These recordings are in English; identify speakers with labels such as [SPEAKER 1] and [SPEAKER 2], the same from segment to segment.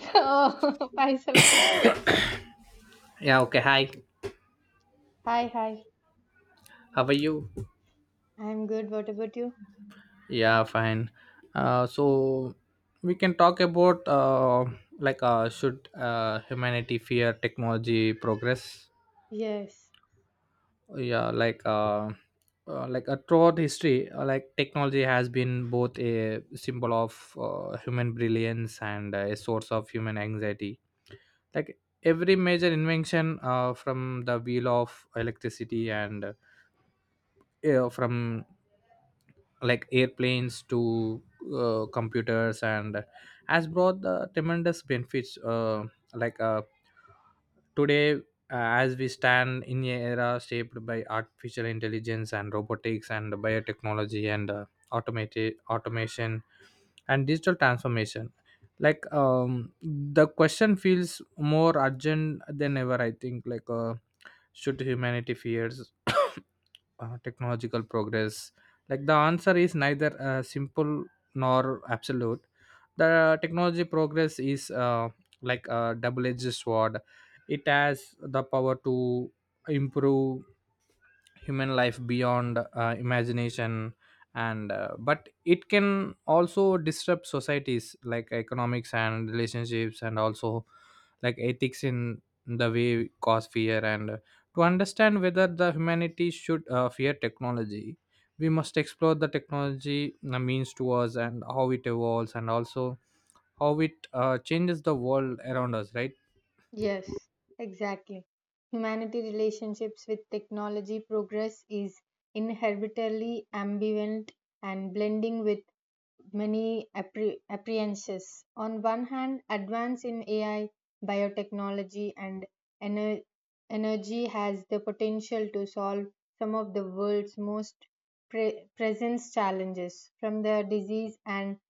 [SPEAKER 1] Oh, hi, Salaka.
[SPEAKER 2] Yeah, okay. Hi.
[SPEAKER 1] Hi, hi.
[SPEAKER 2] How are you?
[SPEAKER 1] I'm good. What about you?
[SPEAKER 2] Yeah, fine. So we can talk about should humanity fear technology progress?
[SPEAKER 1] Yes.
[SPEAKER 2] Yeah, throughout history, like technology has been both a symbol of human brilliance and a source of human anxiety. Like every major invention, from the wheel of electricity and yeah, from like airplanes to computers and has brought the tremendous benefits like uh, today as we stand in a era shaped by artificial intelligence and robotics and biotechnology and automated automation and digital transformation like the question feels more urgent than ever I think should humanity fears technological progress like the answer is neither simple nor absolute. The technology progress is like a double edged sword. It has the power to improve human life beyond imagination and but it can also disrupt societies like economics and relationships and also like ethics in the way cause fear and to understand whether the humanities should fear technology, we must explore the technology means to us and how it evolves and also how it changes the world around us, right?
[SPEAKER 1] Yes, exactly. Humanity relationships with technology progress is inherently ambivalent and blending with many apprehensions. On one hand, advance in AI, biotechnology, and ener- energy has the potential to solve some of the world's most present challenges, from the disease and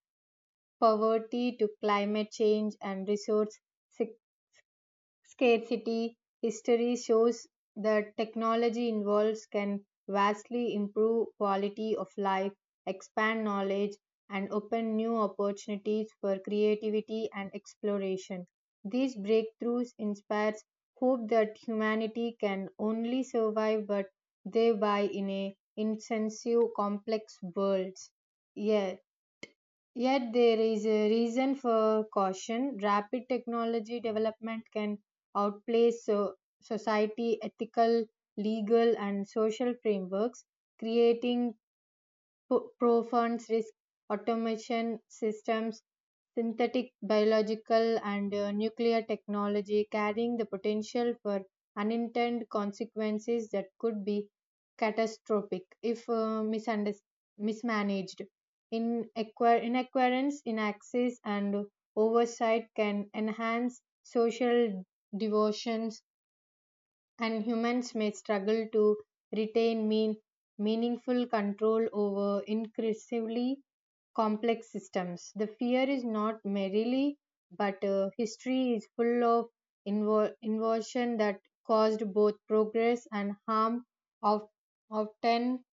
[SPEAKER 1] poverty to climate change and resource scarcity. History shows that technology involved can vastly improve quality of life, expand knowledge, and open new opportunities for creativity and exploration. These breakthroughs inspire hope that humanity can only survive but thereby in a insensitive complex world. Yeah. Yet there is a reason for caution. Rapid technology development can outplay so society ethical, legal and social frameworks, creating profound risk automation systems synthetic biological and nuclear technology carrying the potential for unintended consequences that could be catastrophic if mismanaged in acquire inaccurance in access and oversight can enhance social devotions, and humans may struggle to retain meaningful control over increasingly complex systems. The fear is not merely, but history is full of inversion that caused both progress and harm, of, often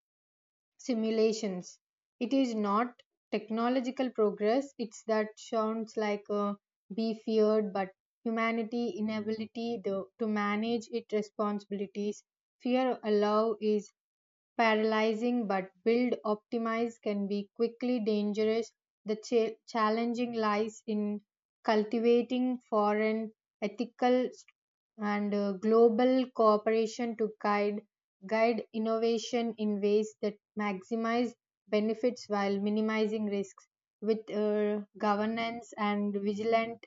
[SPEAKER 1] simulations. It is not technological progress, it's that sounds like a be feared, but humanity inability to manage its responsibilities. Fear allow is paralyzing, but build optimize can be quickly dangerous. The challenging lies in cultivating foreign ethical and global cooperation to guide innovation in ways that maximize benefits while minimizing risks. With governance and vigilant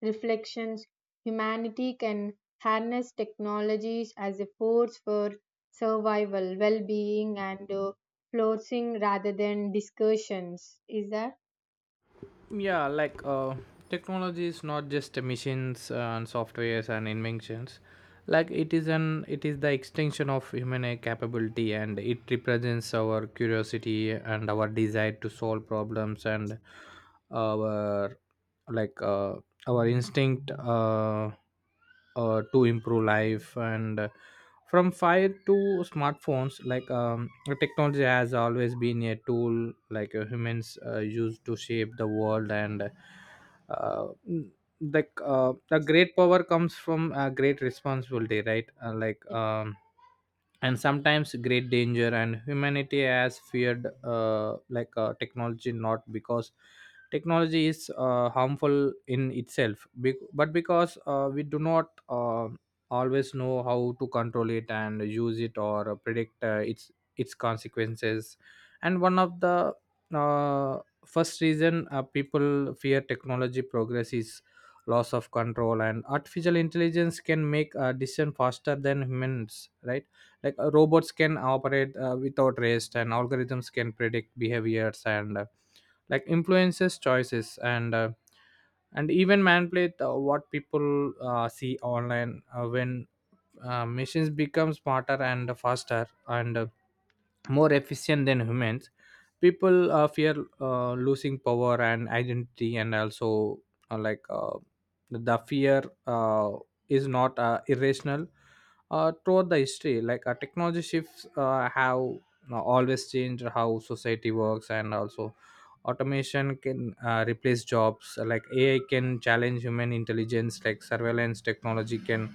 [SPEAKER 1] reflections, humanity can harness technologies as a force for survival, well being, and flourishing rather than discussions. Is that?
[SPEAKER 2] Yeah, technology is not just machines and softwares and inventions. Like it is an it is the extension of human capability and it represents our curiosity and our desire to solve problems and our like uh, our instinct to improve life and from fire to smartphones like the technology has always been a tool humans use to shape the world and uh, the great power comes from a great responsibility, right? And sometimes great danger and humanity has feared technology not because technology is harmful in itself but because we do not always know how to control it and use it or predict its consequences. And one of the uh, first reason people fear technology progress is loss of control and artificial intelligence can make a decision faster than humans, right? Robots can operate without rest and algorithms can predict behaviors and influences choices and even manipulate what people see online when machines become smarter and faster and more efficient than humans, people fear losing power and identity and also uh, like uh, the fear is not irrational. Throughout the history technology shifts have, you know, always changed how society works and also automation can replace jobs like AI can challenge human intelligence like surveillance technology can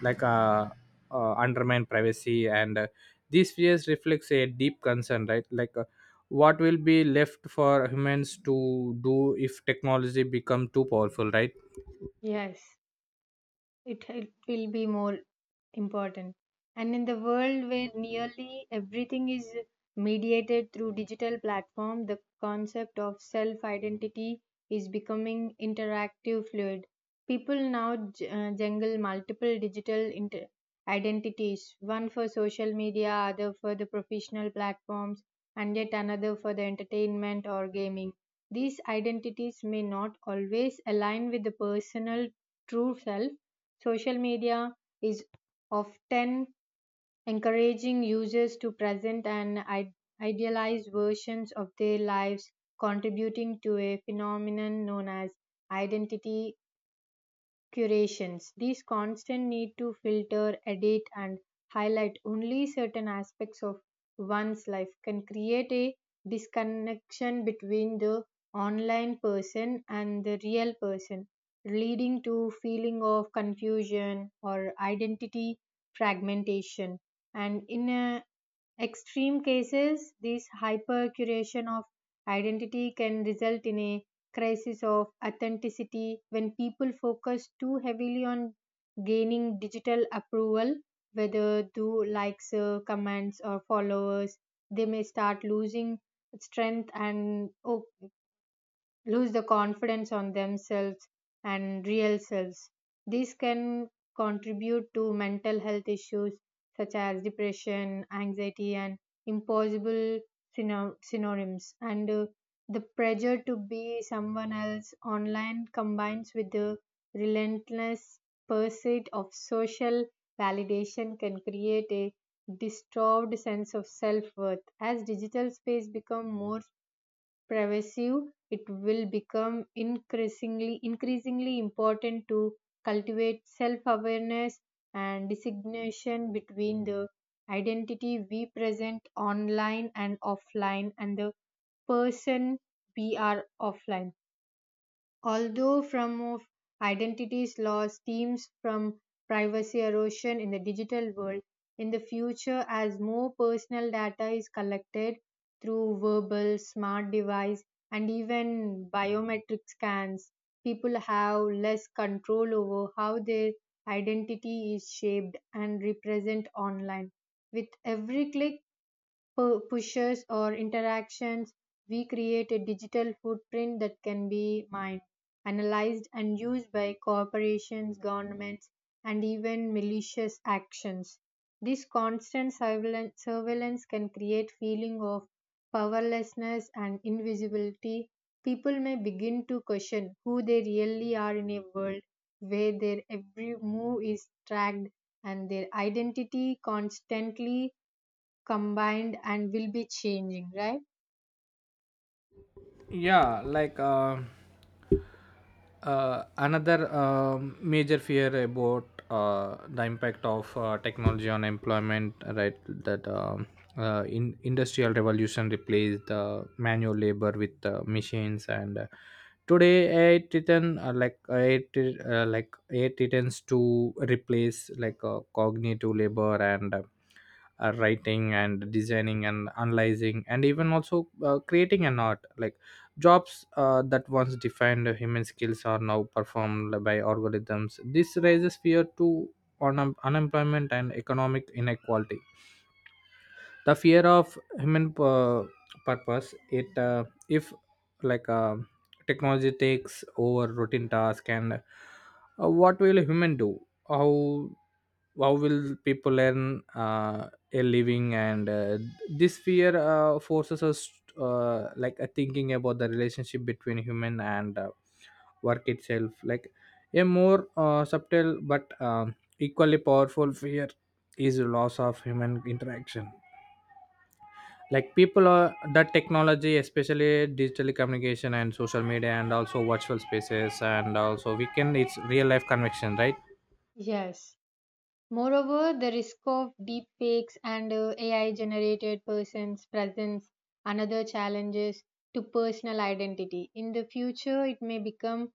[SPEAKER 2] like uh, undermine privacy and these fears reflects a deep concern, right? What will be left for humans to do if technology become too powerful, right?
[SPEAKER 1] Yes, it will be more important. And in the world where nearly everything is mediated through digital platform, the concept of self identity is becoming interactive fluid. People now jungle multiple digital identities, one for social media, other for the professional platforms, and yet another for the entertainment or gaming. These identities may not always align with the personal true self. Social media is often encouraging users to present and idealized versions of their lives, contributing to a phenomenon known as identity curations. These constant need to filter, edit, and highlight only certain aspects of one's life can create a disconnection between the online person and the real person, leading to feeling of confusion or identity fragmentation. And in a extreme cases, this hypercuration of identity can result in a crisis of authenticity when people focus too heavily on gaining digital approval, whether through likes, comments, or followers. They may start losing strength and lose the confidence on themselves and real selves. These can contribute to mental health issues such as depression, anxiety, and impossible synonyms. And the pressure to be someone else online combines with the relentless pursuit of social validation can create a disturbed sense of self-worth. As digital space become more pervasive, it will become increasingly important to cultivate self-awareness and distinction between the identity we present online and offline and the person we are offline. Although from of identities loss stems from privacy erosion in the digital world, in the future as more personal data is collected through verbal, smart device and even biometric scans, people have less control over how their identity is shaped and represent online. With every click pushes or interactions, we create a digital footprint that can be mined, analyzed, and used by corporations, governments, and even malicious actions. This constant surveillance can create feeling of powerlessness and invisibility. People may begin to question who they really are in a world where their every move is tracked and their identity constantly combined and will be changing, right?
[SPEAKER 2] Yeah, another major fear about the impact of technology on employment, right? That in industrial revolution replaced manual labor with machines and today AI titans to replace like cognitive labor and writing and designing and analyzing and even also creating an art like jobs that once defined human skills are now performed by algorithms. This raises fear to unemployment and economic inequality, the fear of human purpose. It If like uh, technology takes over routine task and what will a human do, how how will people earn a living and this fear forces us thinking about the relationship between human and work itself. Like a more subtle but equally powerful fear is loss of human interaction like people are that technology especially digital communication and social media and also virtual spaces and also we can it's real life connection, right?
[SPEAKER 1] Yes. Moreover, the risk of deepfakes and AI generated persons presents another challenges to personal identity. In the future, it may become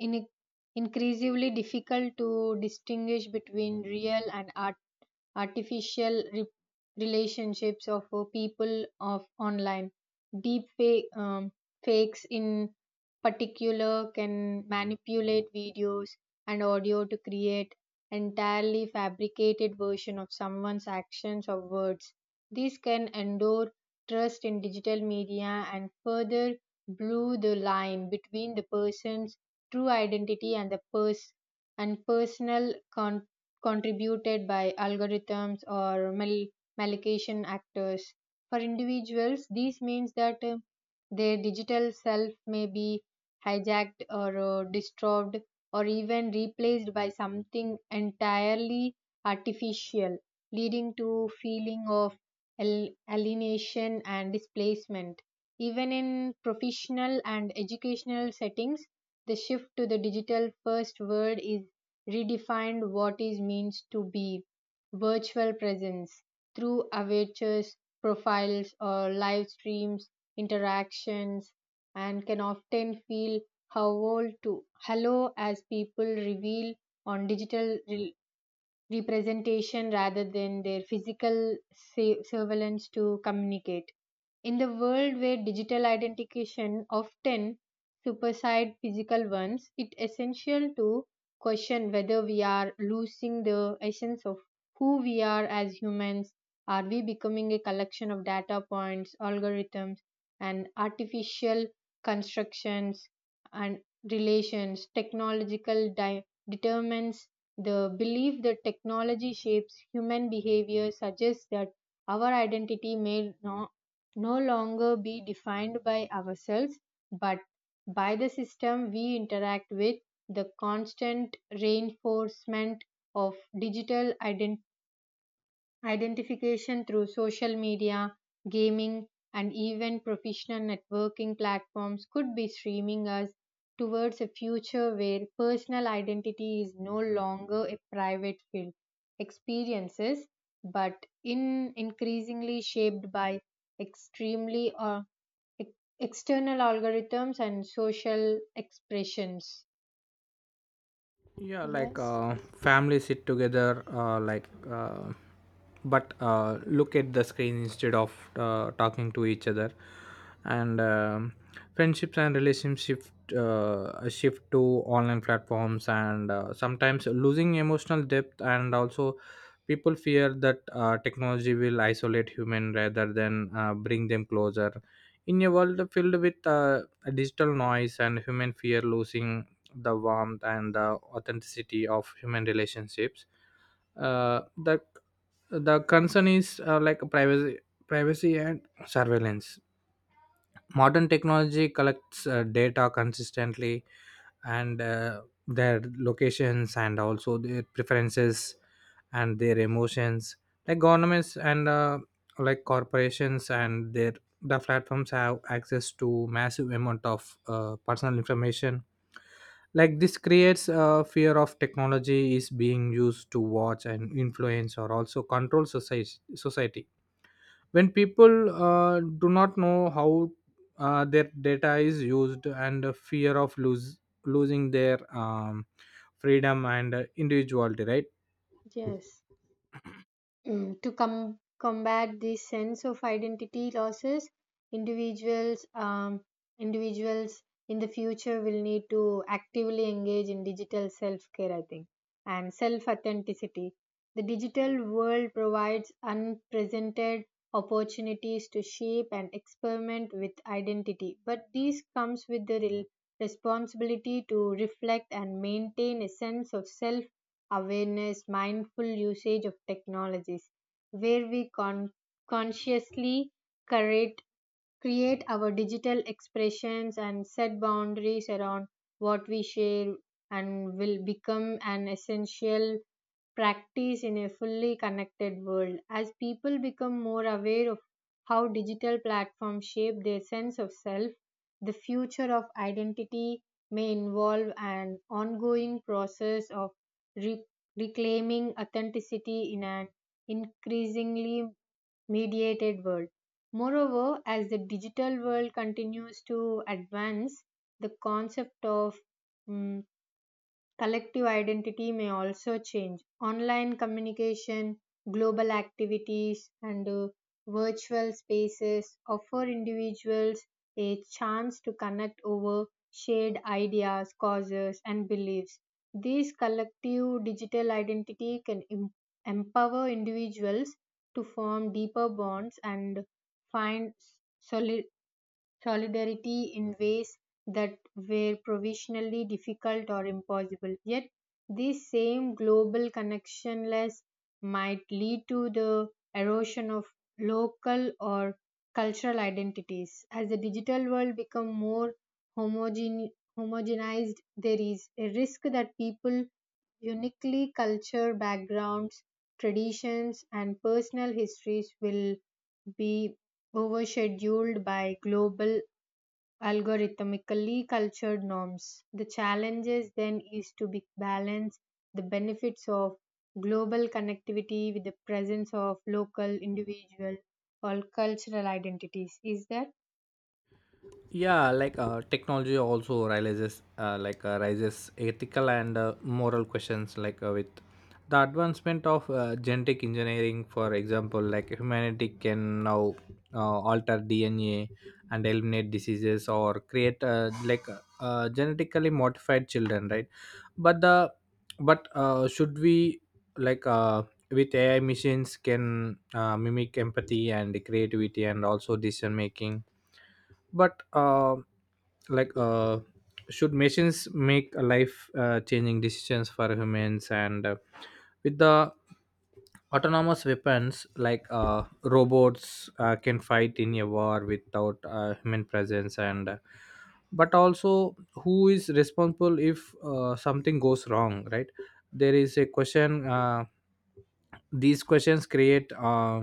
[SPEAKER 1] in- increasingly difficult to distinguish between real and artificial relationships of people of online. Deep fake, um, fakes in particular can manipulate videos and audio to create entirely fabricated version of someone's actions or words. These can endure trust in digital media and further blur the line between the person's true identity and personal contributed by algorithms or malicious actors. For individuals, this means that their digital self may be hijacked or disturbed or even replaced by something entirely artificial, leading to feeling of alienation and displacement. Even in professional and educational settings, the shift to the digital first world is redefined what it means to be virtual presence through avatars, profiles, or live streams interactions, and can often feel how old to hello as people reveal on digital representation rather than their physical surveillance to communicate. In the world where digital identification often supersede physical ones, it's essential to question whether we are losing the essence of who we are as humans. Are we becoming a collection of data points, algorithms, and artificial constructions and relations? Technological determines the belief that technology shapes human behavior suggests that our identity may not no longer be defined by ourselves but by the system we interact with. The constant reinforcement of digital identification through social media, gaming, and even professional networking platforms could be streaming us towards a future where personal identity is no longer a private field experiences but in increasingly shaped by extremely or ex- external algorithms and social expressions.
[SPEAKER 2] Yeah,
[SPEAKER 1] Yes,
[SPEAKER 2] family sit together but look at the screen instead of talking to each other and friendships and relationships shift to online platforms and sometimes losing emotional depth and also people fear that technology will isolate human rather than bring them closer in a world filled with digital noise and human fear losing the warmth and the authenticity of human relationships. Uh, the the concern is like privacy and surveillance. Modern technology collects data consistently, and their locations and also their preferences and their emotions. Like governments and like corporations and the platforms have access to massive amount of personal information like this creates a fear of technology is being used to watch and influence or also control society when people do not know how their data is used and a fear of lose losing their freedom and individuality, right?
[SPEAKER 1] yes. To combat this sense of identity losses, individuals individuals in the future will need to actively engage in digital self-care, I think, and self-authenticity. The digital world provides unprecedented opportunities to shape and experiment with identity, but this comes with the responsibility to reflect and maintain a sense of self awareness. Mindful usage of technologies, where we consciously curate create our digital expressions and set boundaries around what we share, and will become an essential practice in a fully connected world. As people become more aware of how digital platforms shape their sense of self, the future of identity may involve an ongoing process of re- reclaiming authenticity in an increasingly mediated world. Moreover, as the digital world continues to advance, the concept of mm collective identity may also change. Online communication, global activities, and virtual spaces offer individuals a chance to connect over shared ideas, causes, and beliefs. This collective digital identity can empower individuals to form deeper bonds and find soli- solidarity in ways that were provisionally difficult or impossible. Yet, this same global connectionless might lead to the erosion of local or cultural identities. As the digital world becomes more homogene- homogenized, there is a risk that people uniquely culture backgrounds, traditions, and personal histories will be overscheduled by global algorithmically cultured norms. The challenges then is to be balance the benefits of global connectivity with the presence of local individual or cultural identities. Is that?
[SPEAKER 2] Yeah, technology also realizes like raises ethical and moral questions with the advancement of genetic engineering, for example, like humanity can now alter dna and eliminate diseases or create genetically modified children, right? But the but uh, should we like uh, with AI machines can mimic empathy and creativity and also decision making, but like should machines make a life changing decisions for humans and with the autonomous weapons robots can fight in a war without human presence and but also who is responsible if something goes wrong, right? there is a question These questions create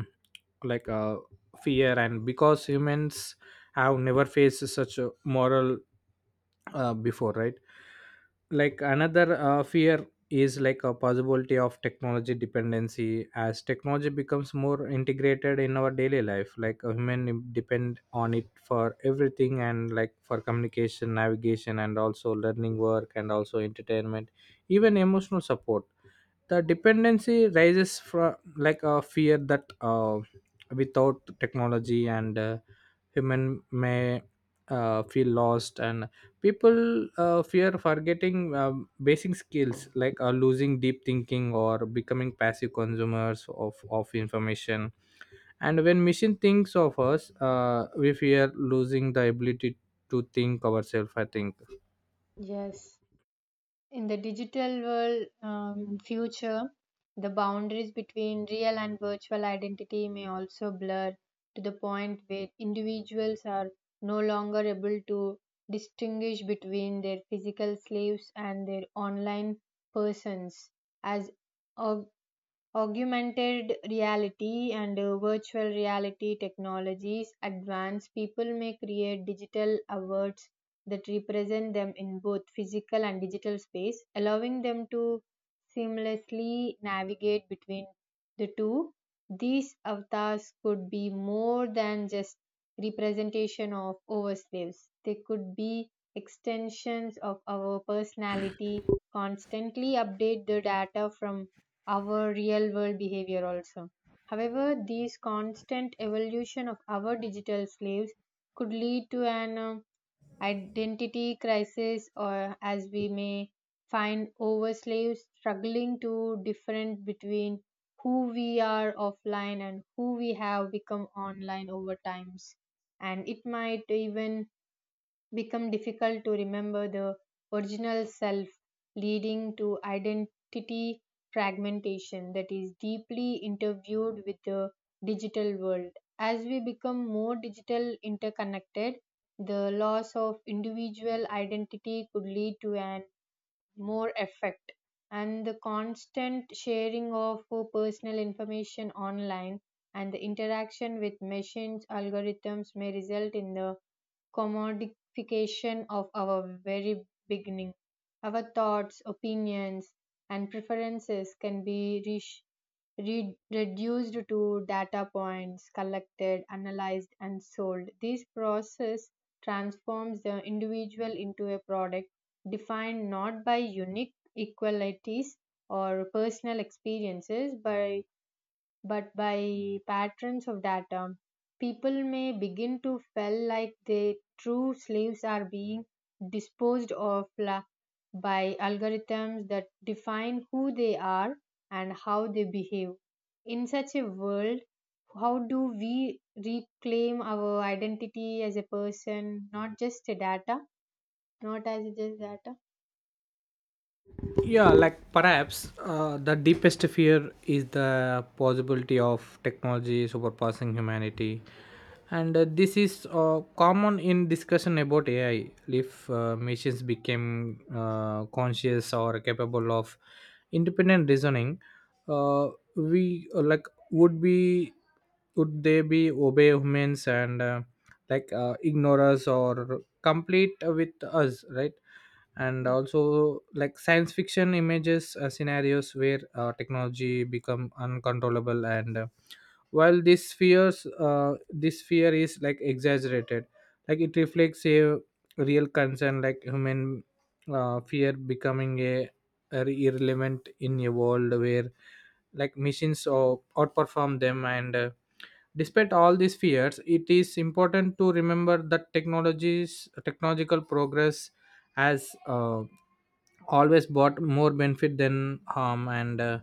[SPEAKER 2] like uh, fear and because humans I have never faced such a moral before, right? Like another fear is like a possibility of technology dependency as technology becomes more integrated in our daily life like a human depend on it for everything and like for communication navigation and also learning work and also entertainment, even emotional support. The dependency rises from like a fear that without technology and human may feel lost and people fear forgetting basic skills like losing deep thinking or becoming passive consumers of information. And when machine thinks of us we fear losing the ability to think ourselves I think.
[SPEAKER 1] Yes. In the digital world future, the boundaries between real and virtual identity may also blur to the point where individuals are no longer able to distinguish between their physical slaves and their online persons. As org- augmented reality and virtual reality technologies advance, people may create digital avatars that represent them in both physical and digital space, allowing them to seamlessly navigate between the two. These avatars could be more than just representation of ourselves. They could be extensions of our personality, constantly update the data from our real world behavior also. However, these constant evolution of our digital slaves could lead to an identity crisis, or as we may find over slaves struggling to different between who we are offline and who we have become online over times, and it might even become difficult to remember the original self, leading to identity fragmentation that is deeply intertwined with the digital world. As we become more digital interconnected, the loss of individual identity could lead to an more effect, and the constant sharing of personal information online and the interaction with machines algorithms may result in the commodification of our very beginning. Our thoughts, opinions, and preferences can be reduced to data points collected, analyzed, and sold. This process transforms the individual into a product defined not by unique equalities or personal experiences, but by patterns of data. People may begin to feel like their true slaves are being disposed of by algorithms that define who they are and how they behave. In such a world, how do we reclaim our identity as a person, not just a data, not as just data?
[SPEAKER 2] Yeah,
[SPEAKER 1] Yeah,
[SPEAKER 2] like perhaps the deepest fear is the possibility of technology surpassing humanity, and this is common in discussion about AI. If machines became conscious or capable of independent reasoning, uh, we like would be would they be obey humans and ignore us or complete with us, right? And
[SPEAKER 1] yeah.
[SPEAKER 2] also like science fiction images scenarios where technology become uncontrollable and while this fears this fear is like exaggerated like it reflects a real concern like human fear becoming a irrelevant in a world where like machines or outperform them and despite all these fears it is important to remember that technologies technological progress has always brought more benefit than harm and uh,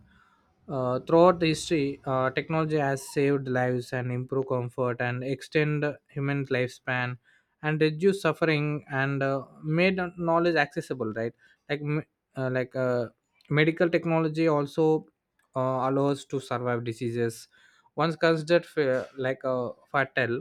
[SPEAKER 2] uh, throughout the history technology has saved lives and improved comfort and extend human lifespan and reduce suffering and made knowledge accessible, right? like m- uh, like uh, Medical technology also allows to survive diseases once considered fatal.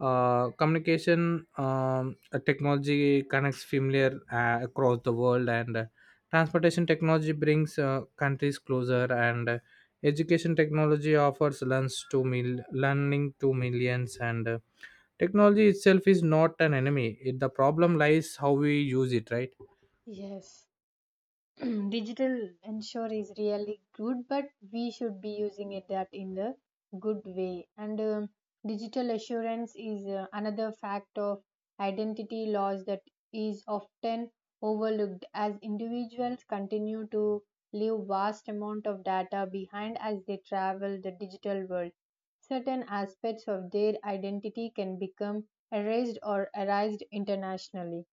[SPEAKER 2] Communication technology connects familiar across the world, and transportation technology brings countries closer, and education technology offers learning to millions. And technology itself is not an enemy. It, the problem lies how we use it, right?
[SPEAKER 1] Yes, digital ensure is really good, but we should be using it that in the good way. And digital assurance is another fact of identity laws that is often overlooked. As individuals continue to leave vast amount of data behind as they travel the digital world, certain aspects of their identity can become erased or erased internationally.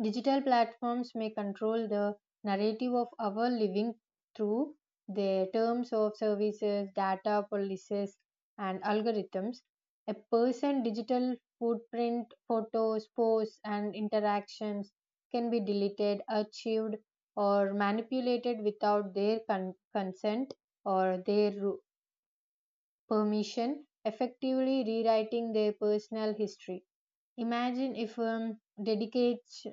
[SPEAKER 1] Digital platforms may control the narrative of our living through their terms of services, data policies, and algorithms. A person's digital footprint, photos, posts, and interactions can be deleted, archived, or manipulated without their consent or their permission, effectively rewriting their personal history. Imagine if dedicates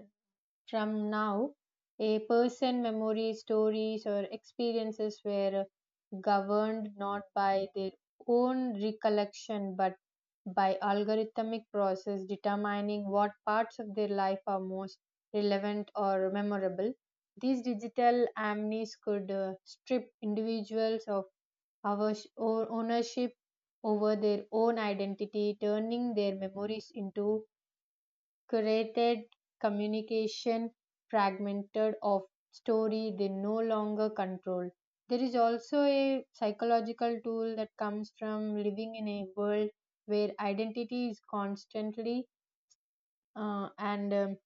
[SPEAKER 1] from now, a person memories, stories, or experiences were governed not by their own recollection but by algorithmic process determining what parts of their life are most relevant or memorable. These digital amnes could strip individuals of our ownership over their own identity, turning their memories into curated communication fragmented of story they no longer control. There is also a psychological tool that comes from living in a world where identity is constantly and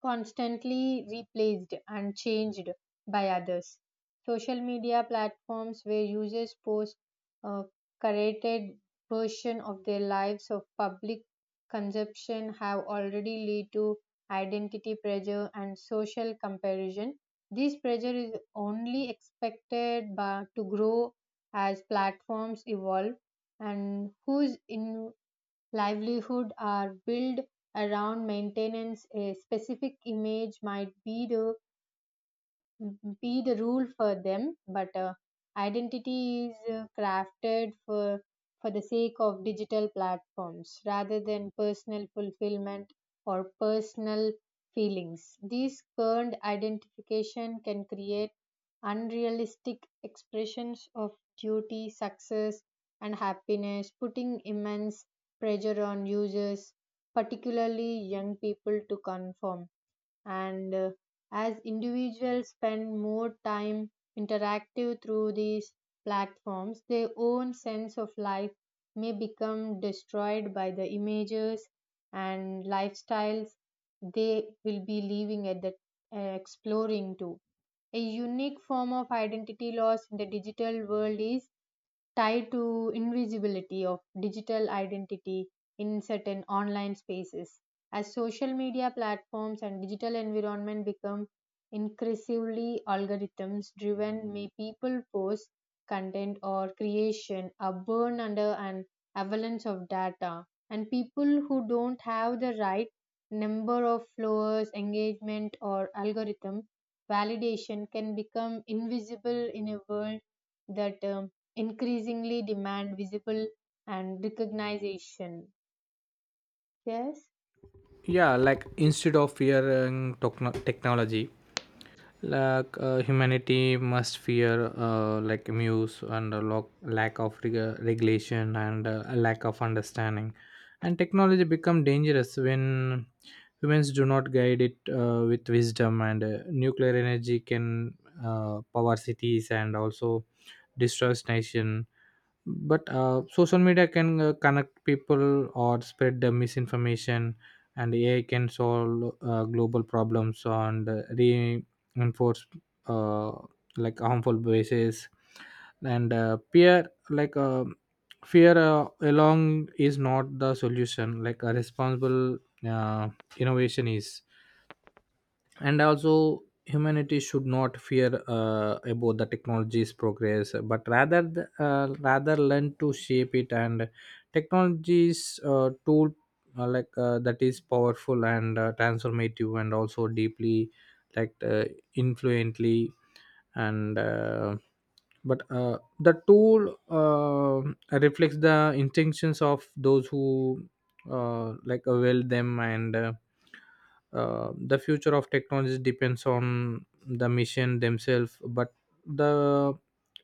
[SPEAKER 1] constantly replaced and changed by others. Social media platforms where users post a curated version of their lives of public consumption have already led to identity pressure and social comparison. This pressure is only expected to grow as platforms evolve, and whose livelihood are built around maintenance a specific image might be the rule for them. But identity is crafted for the sake of digital platforms rather than personal fulfillment or personal feelings. This current identification can create unrealistic expressions of duty success and happiness, putting immense pressure on users, particularly young people, to conform. And as individuals spend more time interactive through these platforms, their own sense of life may become destroyed by the images and lifestyles they will be living at the exploring too. A unique form of identity loss in the digital world is tied to invisibility of digital identity in certain online spaces. As social media platforms and digital environment become increasingly algorithms driven, may people post content or creation are born under an avalanche of data, and people who don't have the right number of followers engagement or algorithm validation can become invisible in a world that increasingly demand visible and recognition. Yes,
[SPEAKER 2] Yeah, like instead of fearing technology, humanity must fear like muse and a lack of regulation and a lack of understanding and technology become dangerous when humans do not guide it with wisdom and nuclear energy can power cities and also destroys nation but social media can connect people or spread the misinformation and AI can solve global problems and enforce uh, harmful biases and peer like fear along is not the solution like a responsible uh, innovation is. And also humanity should not fear about the technology's progress but rather rather learn to shape it. And technology's tool that is powerful and transformative and also deeply like uh, influently and but the tool reflects the intentions of those who avail them and the future of technology depends on the mission themselves but the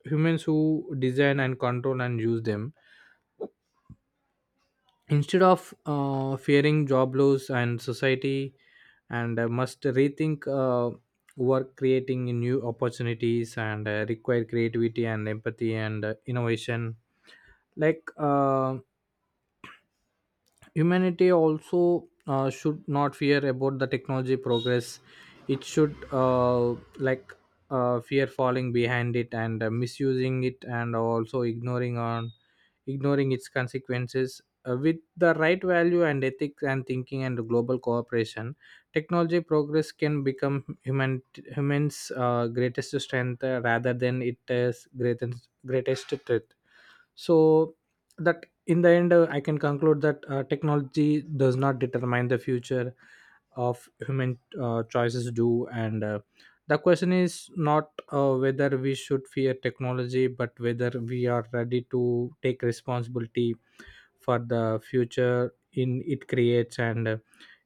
[SPEAKER 2] humans who design and control and use them. Instead of fearing job loss and society and must rethink work creating new opportunities and require creativity and empathy and innovation. like uh, Humanity also should not fear about the technology progress. It should fear falling behind it and misusing it and also ignoring its consequences. With the right value and ethics and thinking and global cooperation, technology progress can become human humans greatest strength rather than it is greatest threat. So that in the end I can conclude that technology does not determine the future of human choices do. And the question is not whether we should fear technology but whether we are ready to take responsibility for the future in it creates. And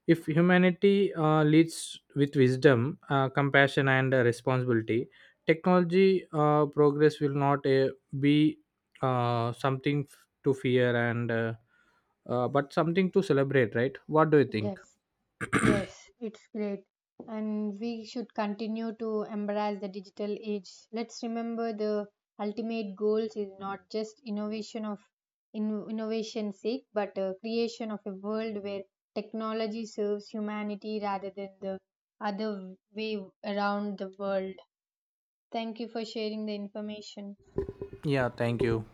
[SPEAKER 2] if humanity leads with wisdom, compassion, and responsibility, technology progress will not be to fear, and but something to celebrate, right? What do you think?
[SPEAKER 1] yes, yes, it's great. And we should continue to embrace the digital age. Let's remember the ultimate goals is not just innovation of innovation sake, but creation of a world where technology serves humanity rather than the other way around the world. Thank you for sharing the information.
[SPEAKER 2] Yeah, thank you.